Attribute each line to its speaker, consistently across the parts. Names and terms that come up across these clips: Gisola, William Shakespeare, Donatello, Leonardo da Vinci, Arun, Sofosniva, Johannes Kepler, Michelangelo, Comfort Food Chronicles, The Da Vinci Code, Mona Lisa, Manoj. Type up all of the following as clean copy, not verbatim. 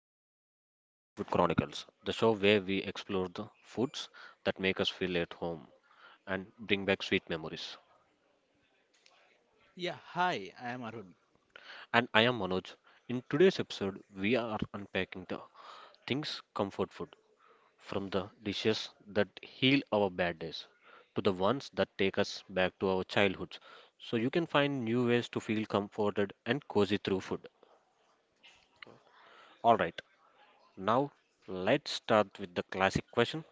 Speaker 1: You are listening to the Comfort Food Chronicles, the show where we explore the foods that make us feel at home and bring back sweet memories.
Speaker 2: Yeah, hi, I am Arun.
Speaker 1: And I am Manoj. In today's episode, we are unpacking the things comfort food from the dishes that heal our bad days to the ones that take us back to our childhoods so you can find new ways to feel comforted and cozy through food. All right, now let's start with the classic question.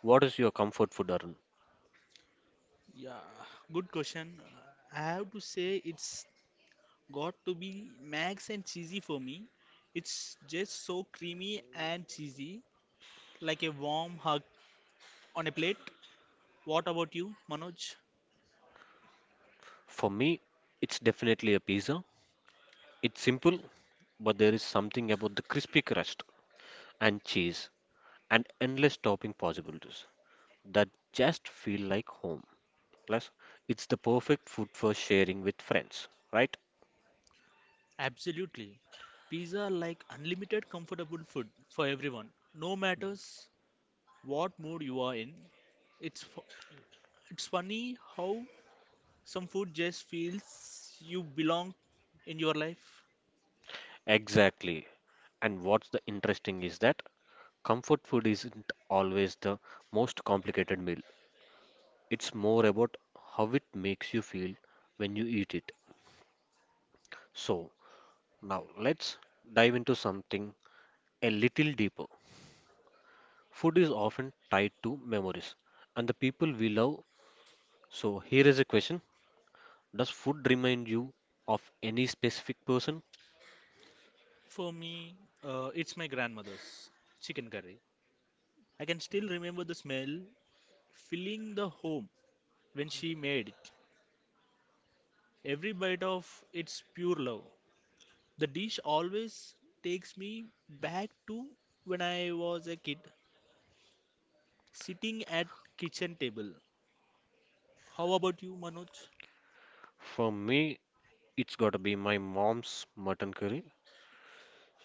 Speaker 1: What is your comfort food, Arun?
Speaker 2: Yeah, good question. I have to say it's got to be max and cheesy for me. It's just so creamy and cheesy, like a warm hug on a plate. What about you, Manoj?
Speaker 1: For me, it's definitely a pizza. It's simple, but there is something about the crispy crust and cheese and endless topping possibilities that just feel like home. Plus, it's the perfect food for sharing with friends, right?
Speaker 2: Absolutely. Pizza are like unlimited comfortable food for everyone, no matters what mood you are in. It's fu- it's funny how some food just feels you belong in your life.
Speaker 1: Exactly. And what's the interesting is that comfort food isn't always the most complicated meal. It's more about how it makes you feel when you eat it. So, now let's dive into something a little deeper. Food is often tied to memories and the people we love. So, here is a question. Does food remind you of any specific person?
Speaker 2: For me, it's my grandmother's chicken curry. I can still remember the smell filling the home when she made it. Every bite of it's pure love. The dish always takes me back to when I was a kid, sitting at kitchen table. How about you, Manoj?
Speaker 1: For me, it's gotta be my mom's mutton curry.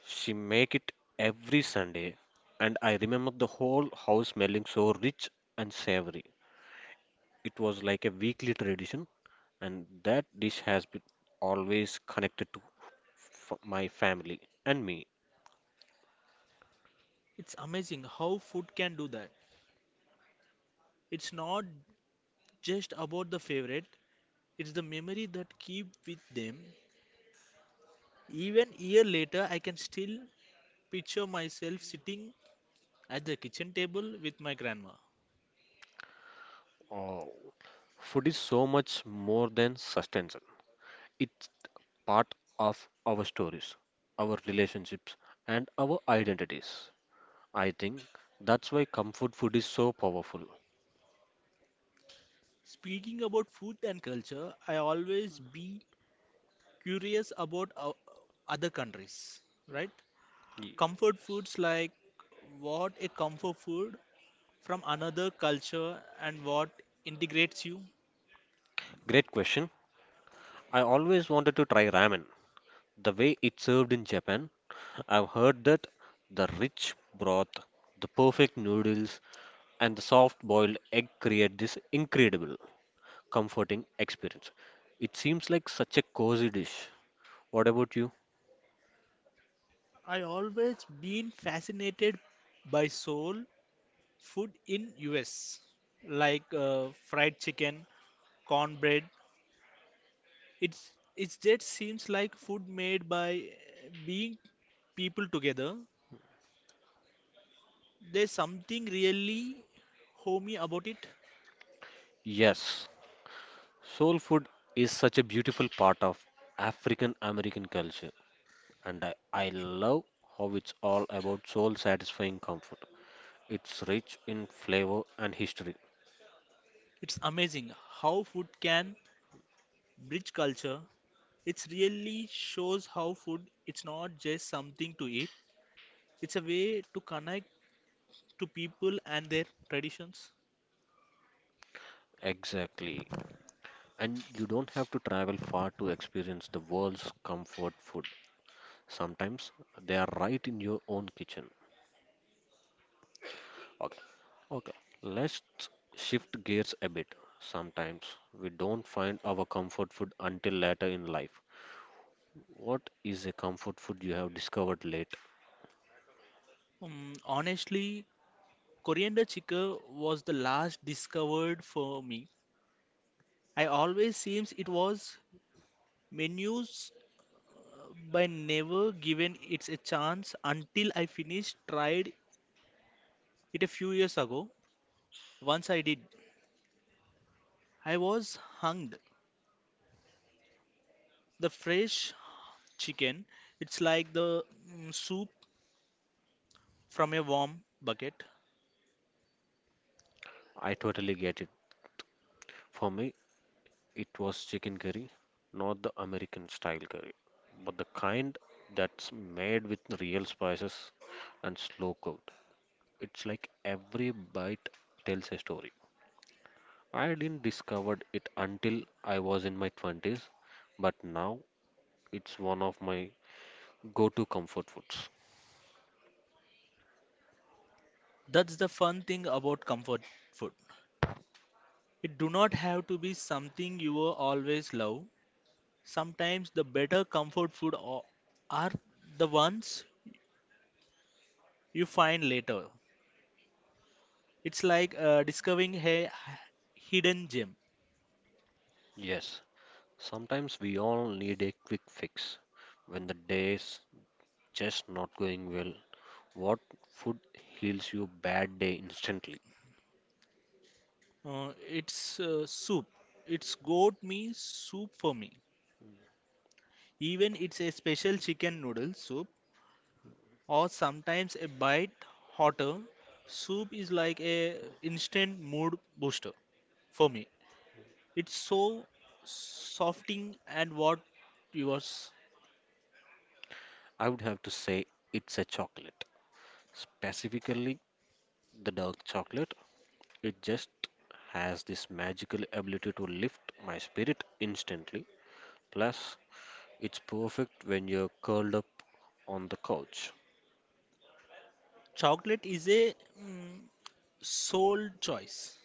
Speaker 1: She make it every Sunday, and I remember the whole house smelling so rich and savory. It was like a weekly tradition, and that dish has been always connected to my family and me.
Speaker 2: It's amazing how food can do that. It's not just about the favorite, it's the memory that keep with them. Even year later, I can still picture myself sitting at the kitchen table with my grandma.
Speaker 1: Oh, food is so much more than sustenance. It's part of our stories, our relationships, and our identities. I think that's why comfort food is so powerful.
Speaker 2: Speaking about food and culture, I always be curious about other countries, right? Comfort
Speaker 1: Yes.
Speaker 2: foods like what a comfort food from another culture and what integrates you.
Speaker 1: Great question. I always wanted to try ramen. The way it's served in Japan, I've heard that the rich broth, the perfect noodles, and the soft boiled egg create this incredible, comforting experience. It seems like such a cozy dish. What about you?
Speaker 2: I always been fascinated by soul food in US like fried chicken, cornbread. It's it's just seems like food made by being people together. There's something really homey about it.
Speaker 1: Yes, soul food is such a beautiful part of African American culture, and I love how it's all about soul satisfying comfort. It's rich in flavor and history.
Speaker 2: It's amazing how food can bridge culture. It really shows how food it's not just something to eat. It's a way to connect to people and their traditions.
Speaker 1: Exactly. And you don't have to travel far to experience the world's comfort food. Sometimes they are right in your own kitchen. Okay. Okay, let's shift gears a bit. Sometimes we don't find our comfort food until later in life. What is a comfort food you have discovered late?
Speaker 2: Honestly, coriander chicken was the last discovered for me. I always seems it was menus by never giving it a chance until I finished tried it a few years ago. Once I did, I was hung. The fresh chicken, it's like the soup from a warm bucket.
Speaker 1: I totally get it. For me, it was chicken curry, not the American style curry, but the kind that's made with real spices and slow cooked. It's like every bite tells a story. I didn't discover it until I was in my 20s, but now it's one of my go-to comfort foods.
Speaker 2: That's the fun thing about comfort food. It do not have to be something you will always love. Sometimes the better comfort food are the ones you find later. It's like discovering a hidden gem.
Speaker 1: Yes, sometimes we all need a quick fix when the day just not going well. What food heals your bad day instantly?
Speaker 2: It's soup. It's goat me soup for me. Even it's a special chicken noodle soup or sometimes a bite hotter. Soup is like a instant mood booster for me. It's so softening and what yours.
Speaker 1: I would have to say it's a chocolate. Specifically, the dark chocolate. It just has this magical ability to lift my spirit instantly. Plus, it's perfect when you're curled up on the couch.
Speaker 2: Chocolate is a mm, soul choice.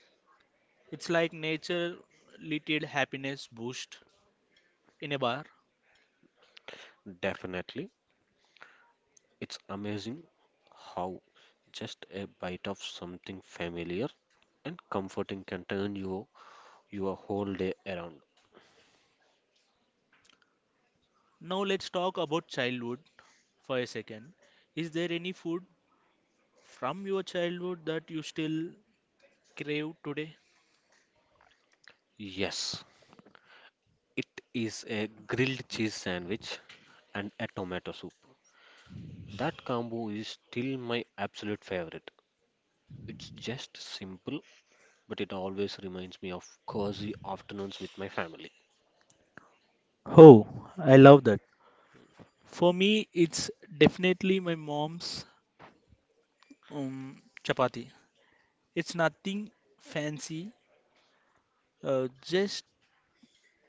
Speaker 2: It's like nature little happiness boost in a bar.
Speaker 1: Definitely, it's amazing how just a bite of something familiar and comforting can turn you your whole day around.
Speaker 2: Now let's talk about childhood for a second. Is there any food from your childhood that you still crave today?
Speaker 1: Yes, it is a grilled cheese sandwich and a tomato soup. That combo is still my absolute favorite. It's just simple, but it always reminds me of cozy afternoons with my family.
Speaker 2: Oh, I love that. For me, it's definitely my mom's um, chapati. It's nothing fancy, just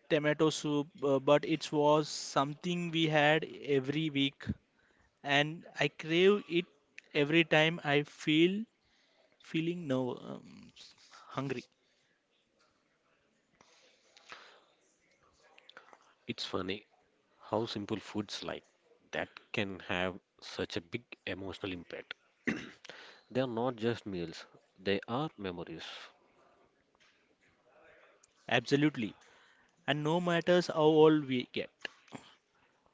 Speaker 2: tomato soup, but it was something we had every week, and I crave it every time I feel feeling no hungry.
Speaker 1: It's funny how simple foods like that can have such a big emotional impact. They are not just meals, they are memories.
Speaker 2: Absolutely. And no matters how old we get,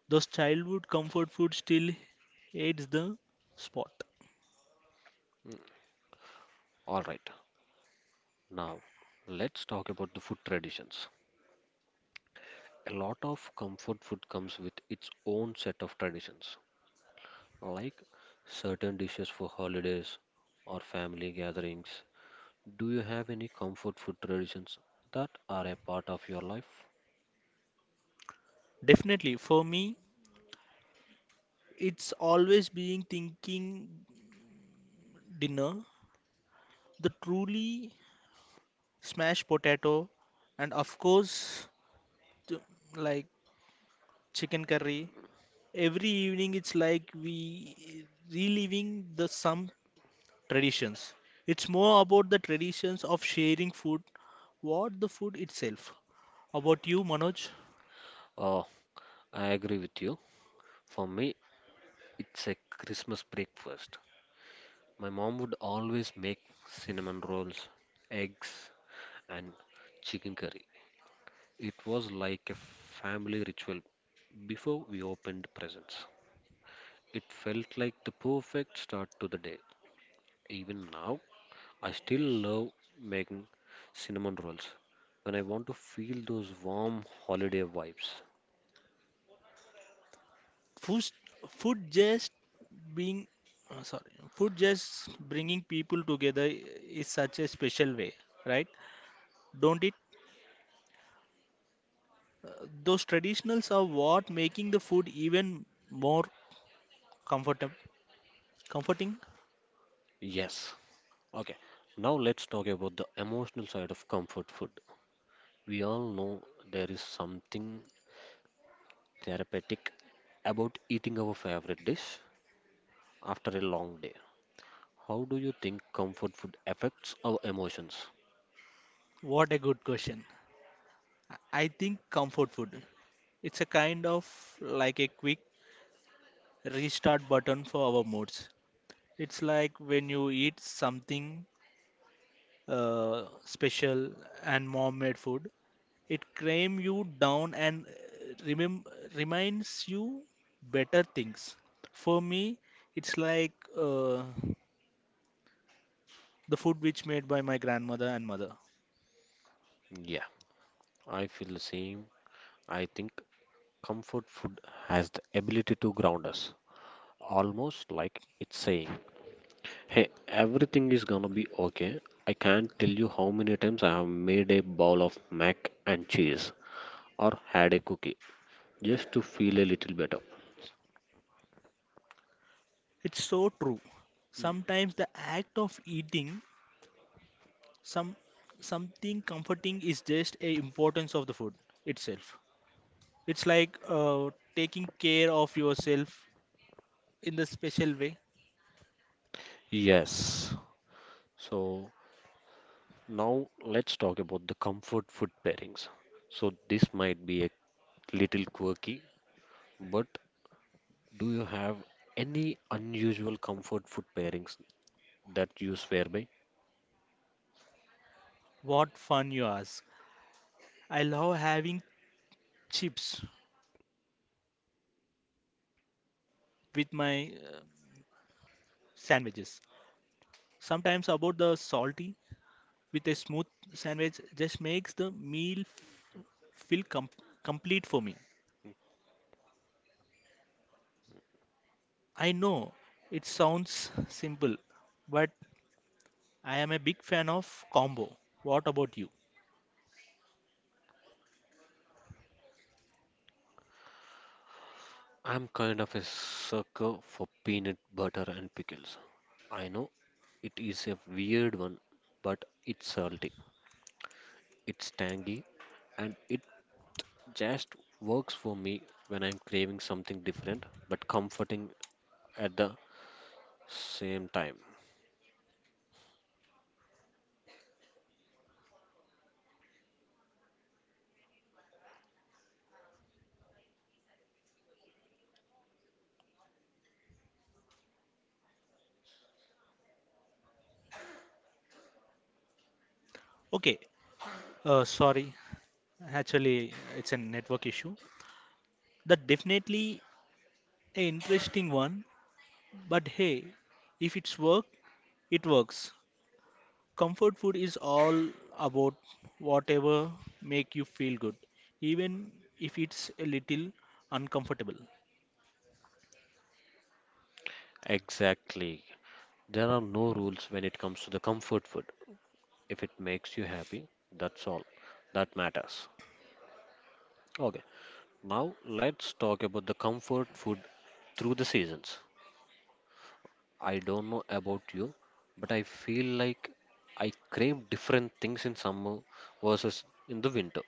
Speaker 2: those childhood comfort food still hits the spot.
Speaker 1: Alright, now let's talk about the food traditions. A lot of comfort food comes with its own set of traditions, like certain dishes for holidays or family gatherings. Do you have any comfort food traditions that are a part of your life?
Speaker 2: Definitely, for me, it's always being thinking dinner, the truly smashed potato, and of course, th- like chicken curry. Every evening, it's like we reliving the some traditions. It's more about the traditions of sharing food, what the food itself. About you, Manoj?
Speaker 1: Oh, I agree with you. For me, it's a Christmas breakfast. My mom would always make cinnamon rolls, eggs, and chicken curry. It was like a family ritual before we opened presents. It felt like the perfect start to the day. Even now, I still love making cinnamon rolls when I want to feel those warm holiday vibes.
Speaker 2: food, food just being sorry, food just bringing people together is such a special way, right, don't it? uh, those traditionals are what making the food even more comfortable comforting.
Speaker 1: Yes. Okay. Now let's talk about the emotional side of comfort food. We all know there is something therapeutic about eating our favorite dish after a long day. How do you think comfort food affects our emotions?
Speaker 2: What a good question. I think comfort food it's a kind of like a quick restart button for our moods. It's like when you eat something uh, special and mom made food. It calms you down and reminds you better things. For me, it's like the food which made by my grandmother and mother.
Speaker 1: Yeah, I feel the same. I think comfort food has the ability to ground us, almost like it's saying, Hey, everything is gonna be okay. I can't tell you how many times I have made a bowl of mac and cheese or had a cookie just to feel a little better.
Speaker 2: It's so true. Sometimes the act of eating some something comforting is just a importance of the food itself. It's like taking care of yourself in the special way.
Speaker 1: Yes. So now let's talk about the comfort food pairings. So this might be a little quirky, but do you have any unusual comfort food pairings that you swear by?
Speaker 2: What fun you ask. I love having chips
Speaker 1: I'm kind of a sucker for peanut butter and pickles. I know it is a weird one, but it's salty, it's tangy, and it just works for me when I'm craving something different but comforting at the same time. Exactly. There are no rules when it comes to the comfort food. If it makes you happy, that's all that matters. Okay, now let's talk about the comfort food through the seasons. I don't know about you, but I feel like I crave different things in summer versus in the winter.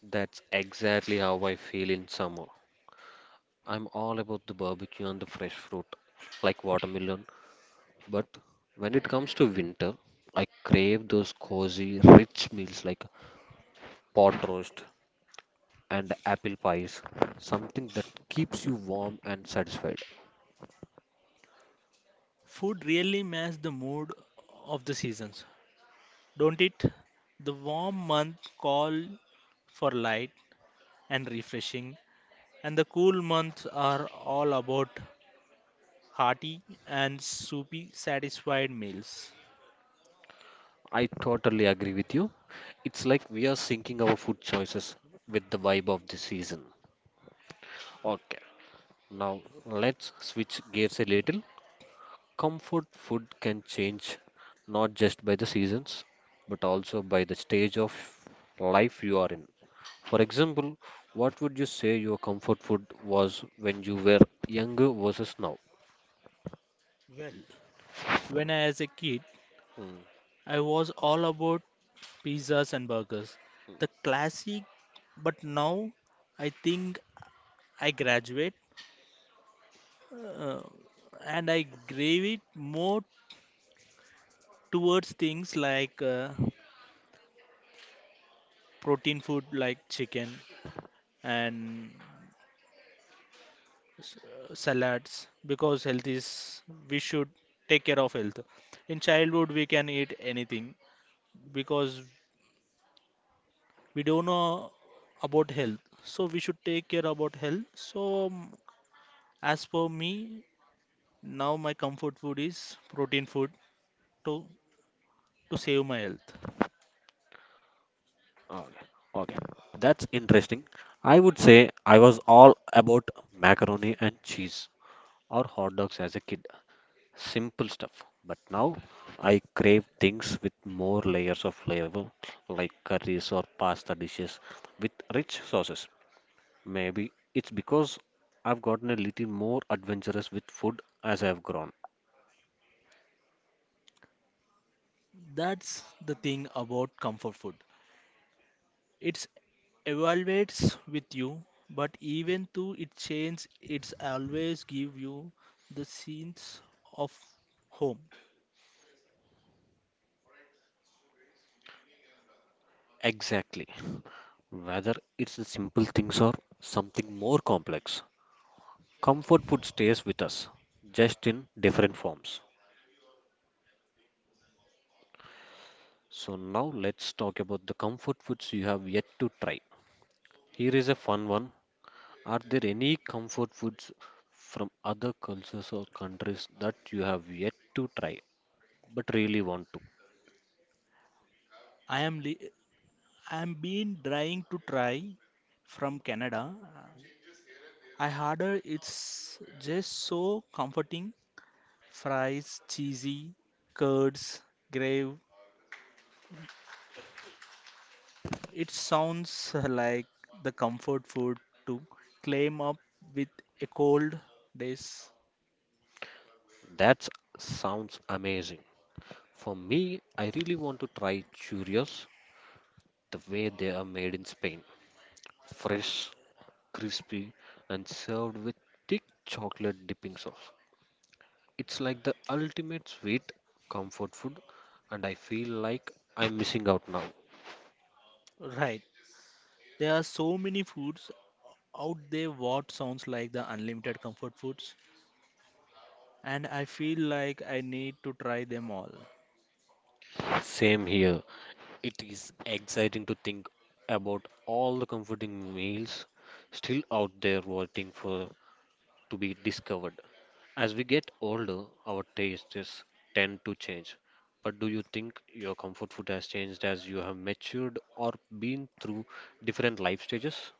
Speaker 1: That's exactly how I feel in summer. I'm all about the barbecue and the fresh fruit, like watermelon. But when it comes to winter, I crave those cozy, rich meals like pot roast and apple pies, something that keeps you warm and satisfied. I totally agree with you. It's like we are syncing our food choices with the vibe of the season. Okay, now let's switch gears a little. Comfort food can change not just by the seasons, but also by the stage of life you are in. For example, what would you say your comfort food was when you were younger versus now? Hmm. Okay. Okay. That's interesting. I would say I was all about macaroni and cheese or hot dogs as a kid. Simple stuff. But now I crave things with more layers of flavor, like curries or pasta dishes with rich sauces. Maybe it's because I've gotten a little more adventurous with food as I've grown. Exactly. Whether it's the simple things or something more complex, comfort food stays with us, just in different forms. So, now let's talk about the comfort foods you have yet to try. Here is a fun one. Are there any comfort foods from other cultures or countries that you have yet to try but really want to? That sounds amazing. For me, I really want to try churros the way they are made in Spain. Fresh, crispy, and served with thick chocolate dipping sauce. It's like the ultimate sweet comfort food, and I feel like I'm missing out now. Same here. It is exciting to think about all the comforting meals still out there waiting for to be discovered. As we get older, our tastes tend to change. But do you think your comfort food has changed as you have matured or been through different life stages?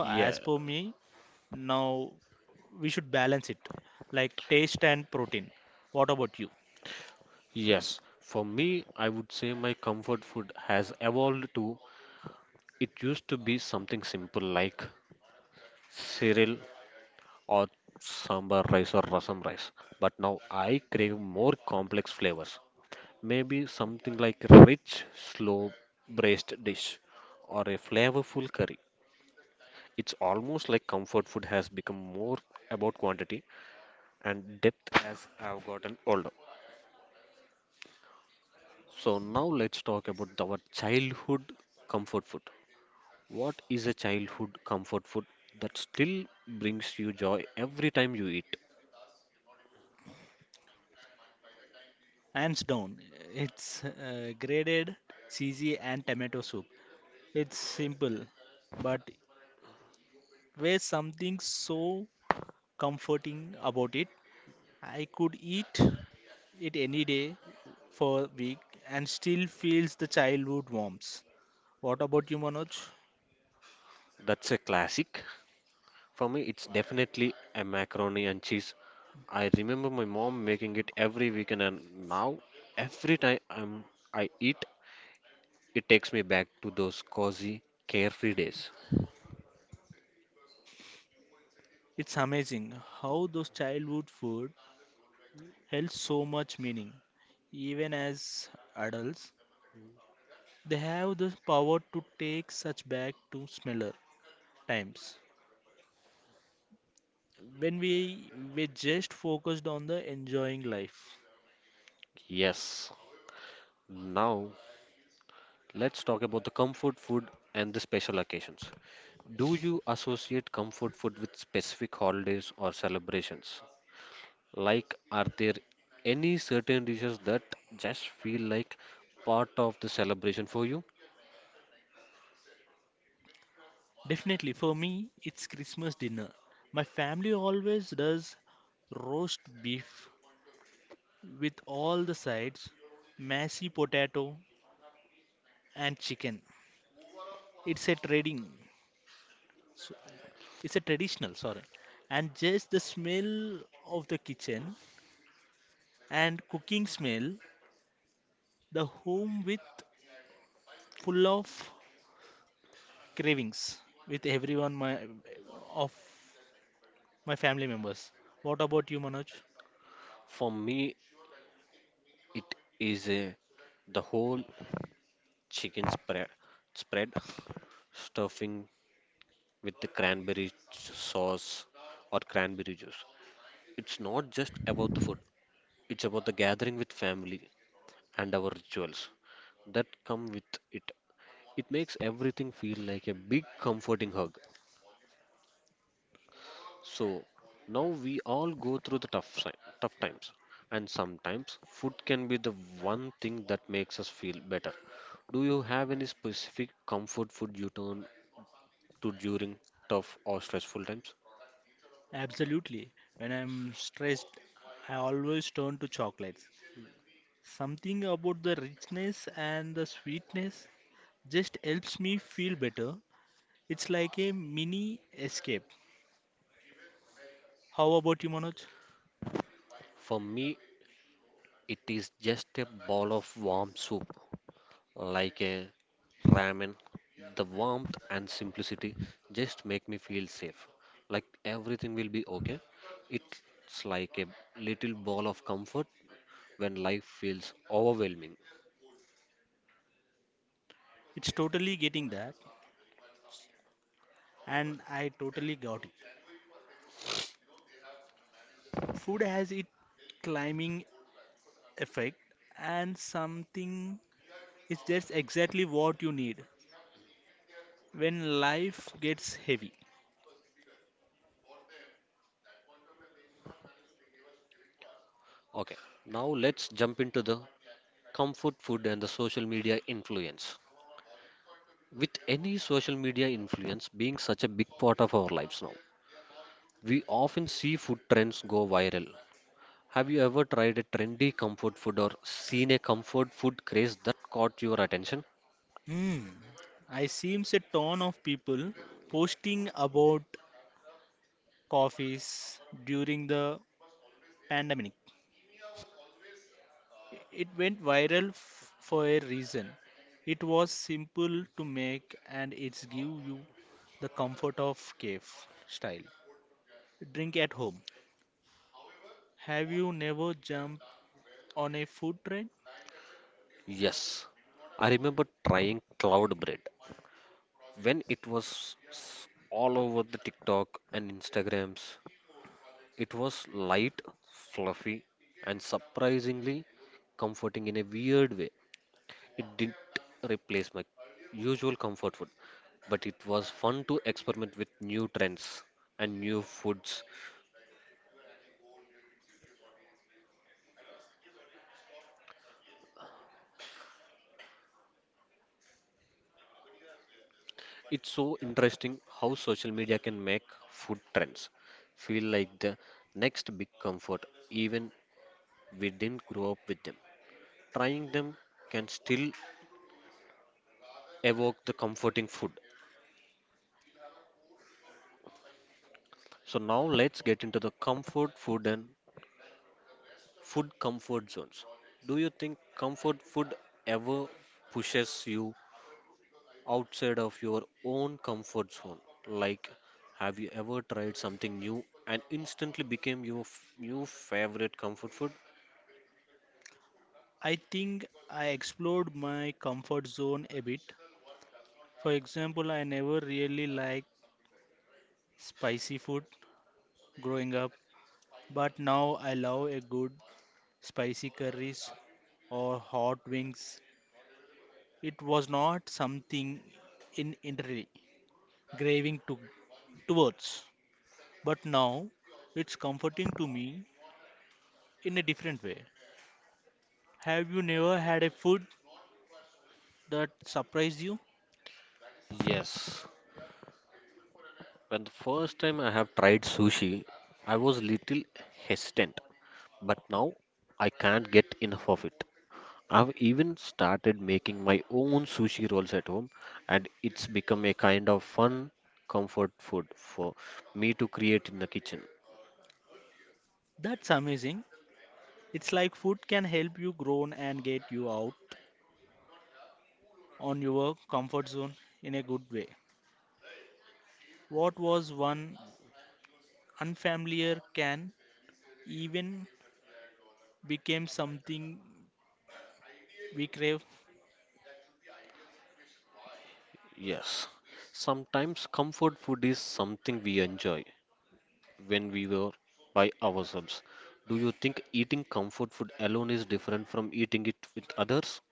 Speaker 1: Yeah, yes. For me, I would say my comfort food has evolved to it used to be something simple like cereal or sambar rice or rasam rice. But now I crave more complex flavors. Maybe something like rich, slow braised dish or a flavorful curry. It's almost like comfort food has become more about quantity and depth as I've gotten older. So now let's talk about our childhood comfort food. What is a childhood comfort food that still brings you joy every time you eat? That's a classic. For me, it's definitely a macaroni and cheese. I remember my mom making it every weekend, and now every time I eat, it takes me back to those cozy, carefree days. Yes. Now, let's talk about the comfort food and the special occasions. Do you associate comfort food with specific holidays or celebrations? Like, are there any certain dishes that just feel like part of the celebration for you? For me, it is a the whole chicken spread, spread stuffing with the sauce or cranberry juice. It's not just about the food, it's about the gathering with family and our rituals that come with it. It makes everything feel like a big comforting hug. So now we all go through the tough times and sometimes food can be the one thing that makes us feel better. Do you have any specific comfort food you turn to during tough or stressful times? For me, it is just a bowl of warm soup like a ramen. The warmth and simplicity just make me feel safe. Like everything will be okay. It's like a little ball of comfort when life feels overwhelming. Okay, now let's jump into the comfort food and the social media influence. With any social media influence being such a big part of our lives now, we often see food trends go viral. Have you ever tried a trendy comfort food or seen a comfort food craze that caught your attention? Yes, I remember trying cloud bread when it was all over the TikTok and Instagrams. It was light, fluffy, and surprisingly comforting in a weird way. It didn't replace my usual comfort food, but it was fun to experiment with new trends and new foods. It's so interesting how social media can make food trends feel like the next big comfort, even we didn't grow up with them. Trying them can still evoke the comforting food. So now let's get into the comfort food and Food comfort zones. Do you think comfort food ever pushes you outside of your own comfort zone? Like, have you ever tried something new and instantly became your new favorite comfort food? Yes, when the first time I have tried sushi, I was little hesitant, but now I can't get enough of it. I've even started making my own sushi rolls at home, and it's become a kind of fun comfort food for me to create in the kitchen. Yes, sometimes comfort food is something we enjoy when we were by ourselves. Do you think eating comfort food alone is different from eating it with others?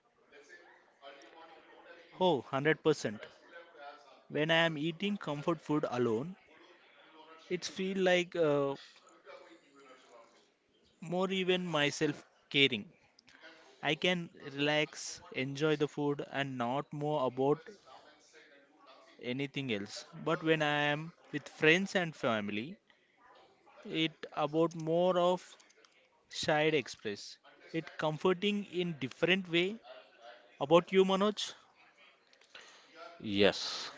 Speaker 1: Yes,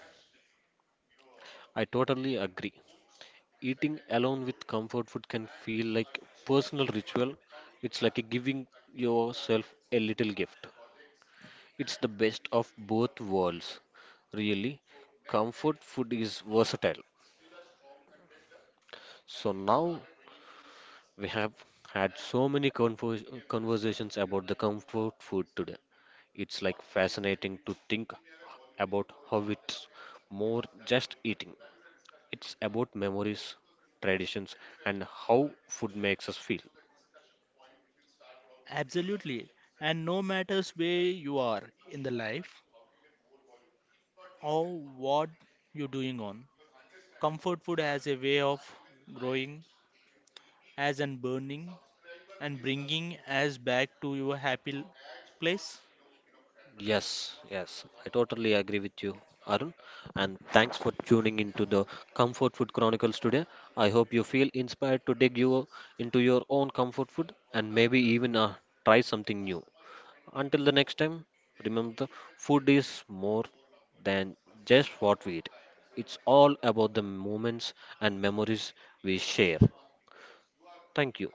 Speaker 1: I totally agree. Eating alone with comfort food can feel like personal ritual. It's like a giving yourself a little gift. It's the best of both worlds. Really, comfort food is versatile. So now we have had so many conversations about the comfort food today. It's like fascinating to think about how it's more just eating. It's about memories, traditions, and how food makes us feel. Yes, yes, I totally agree with you, Arun. And thanks for tuning into the Comfort Food Chronicles today. I hope you feel inspired to dig you into your own comfort food and maybe even try something new. Until the next time, remember food is more than just what we eat. It's all about the moments and memories we share. Thank you.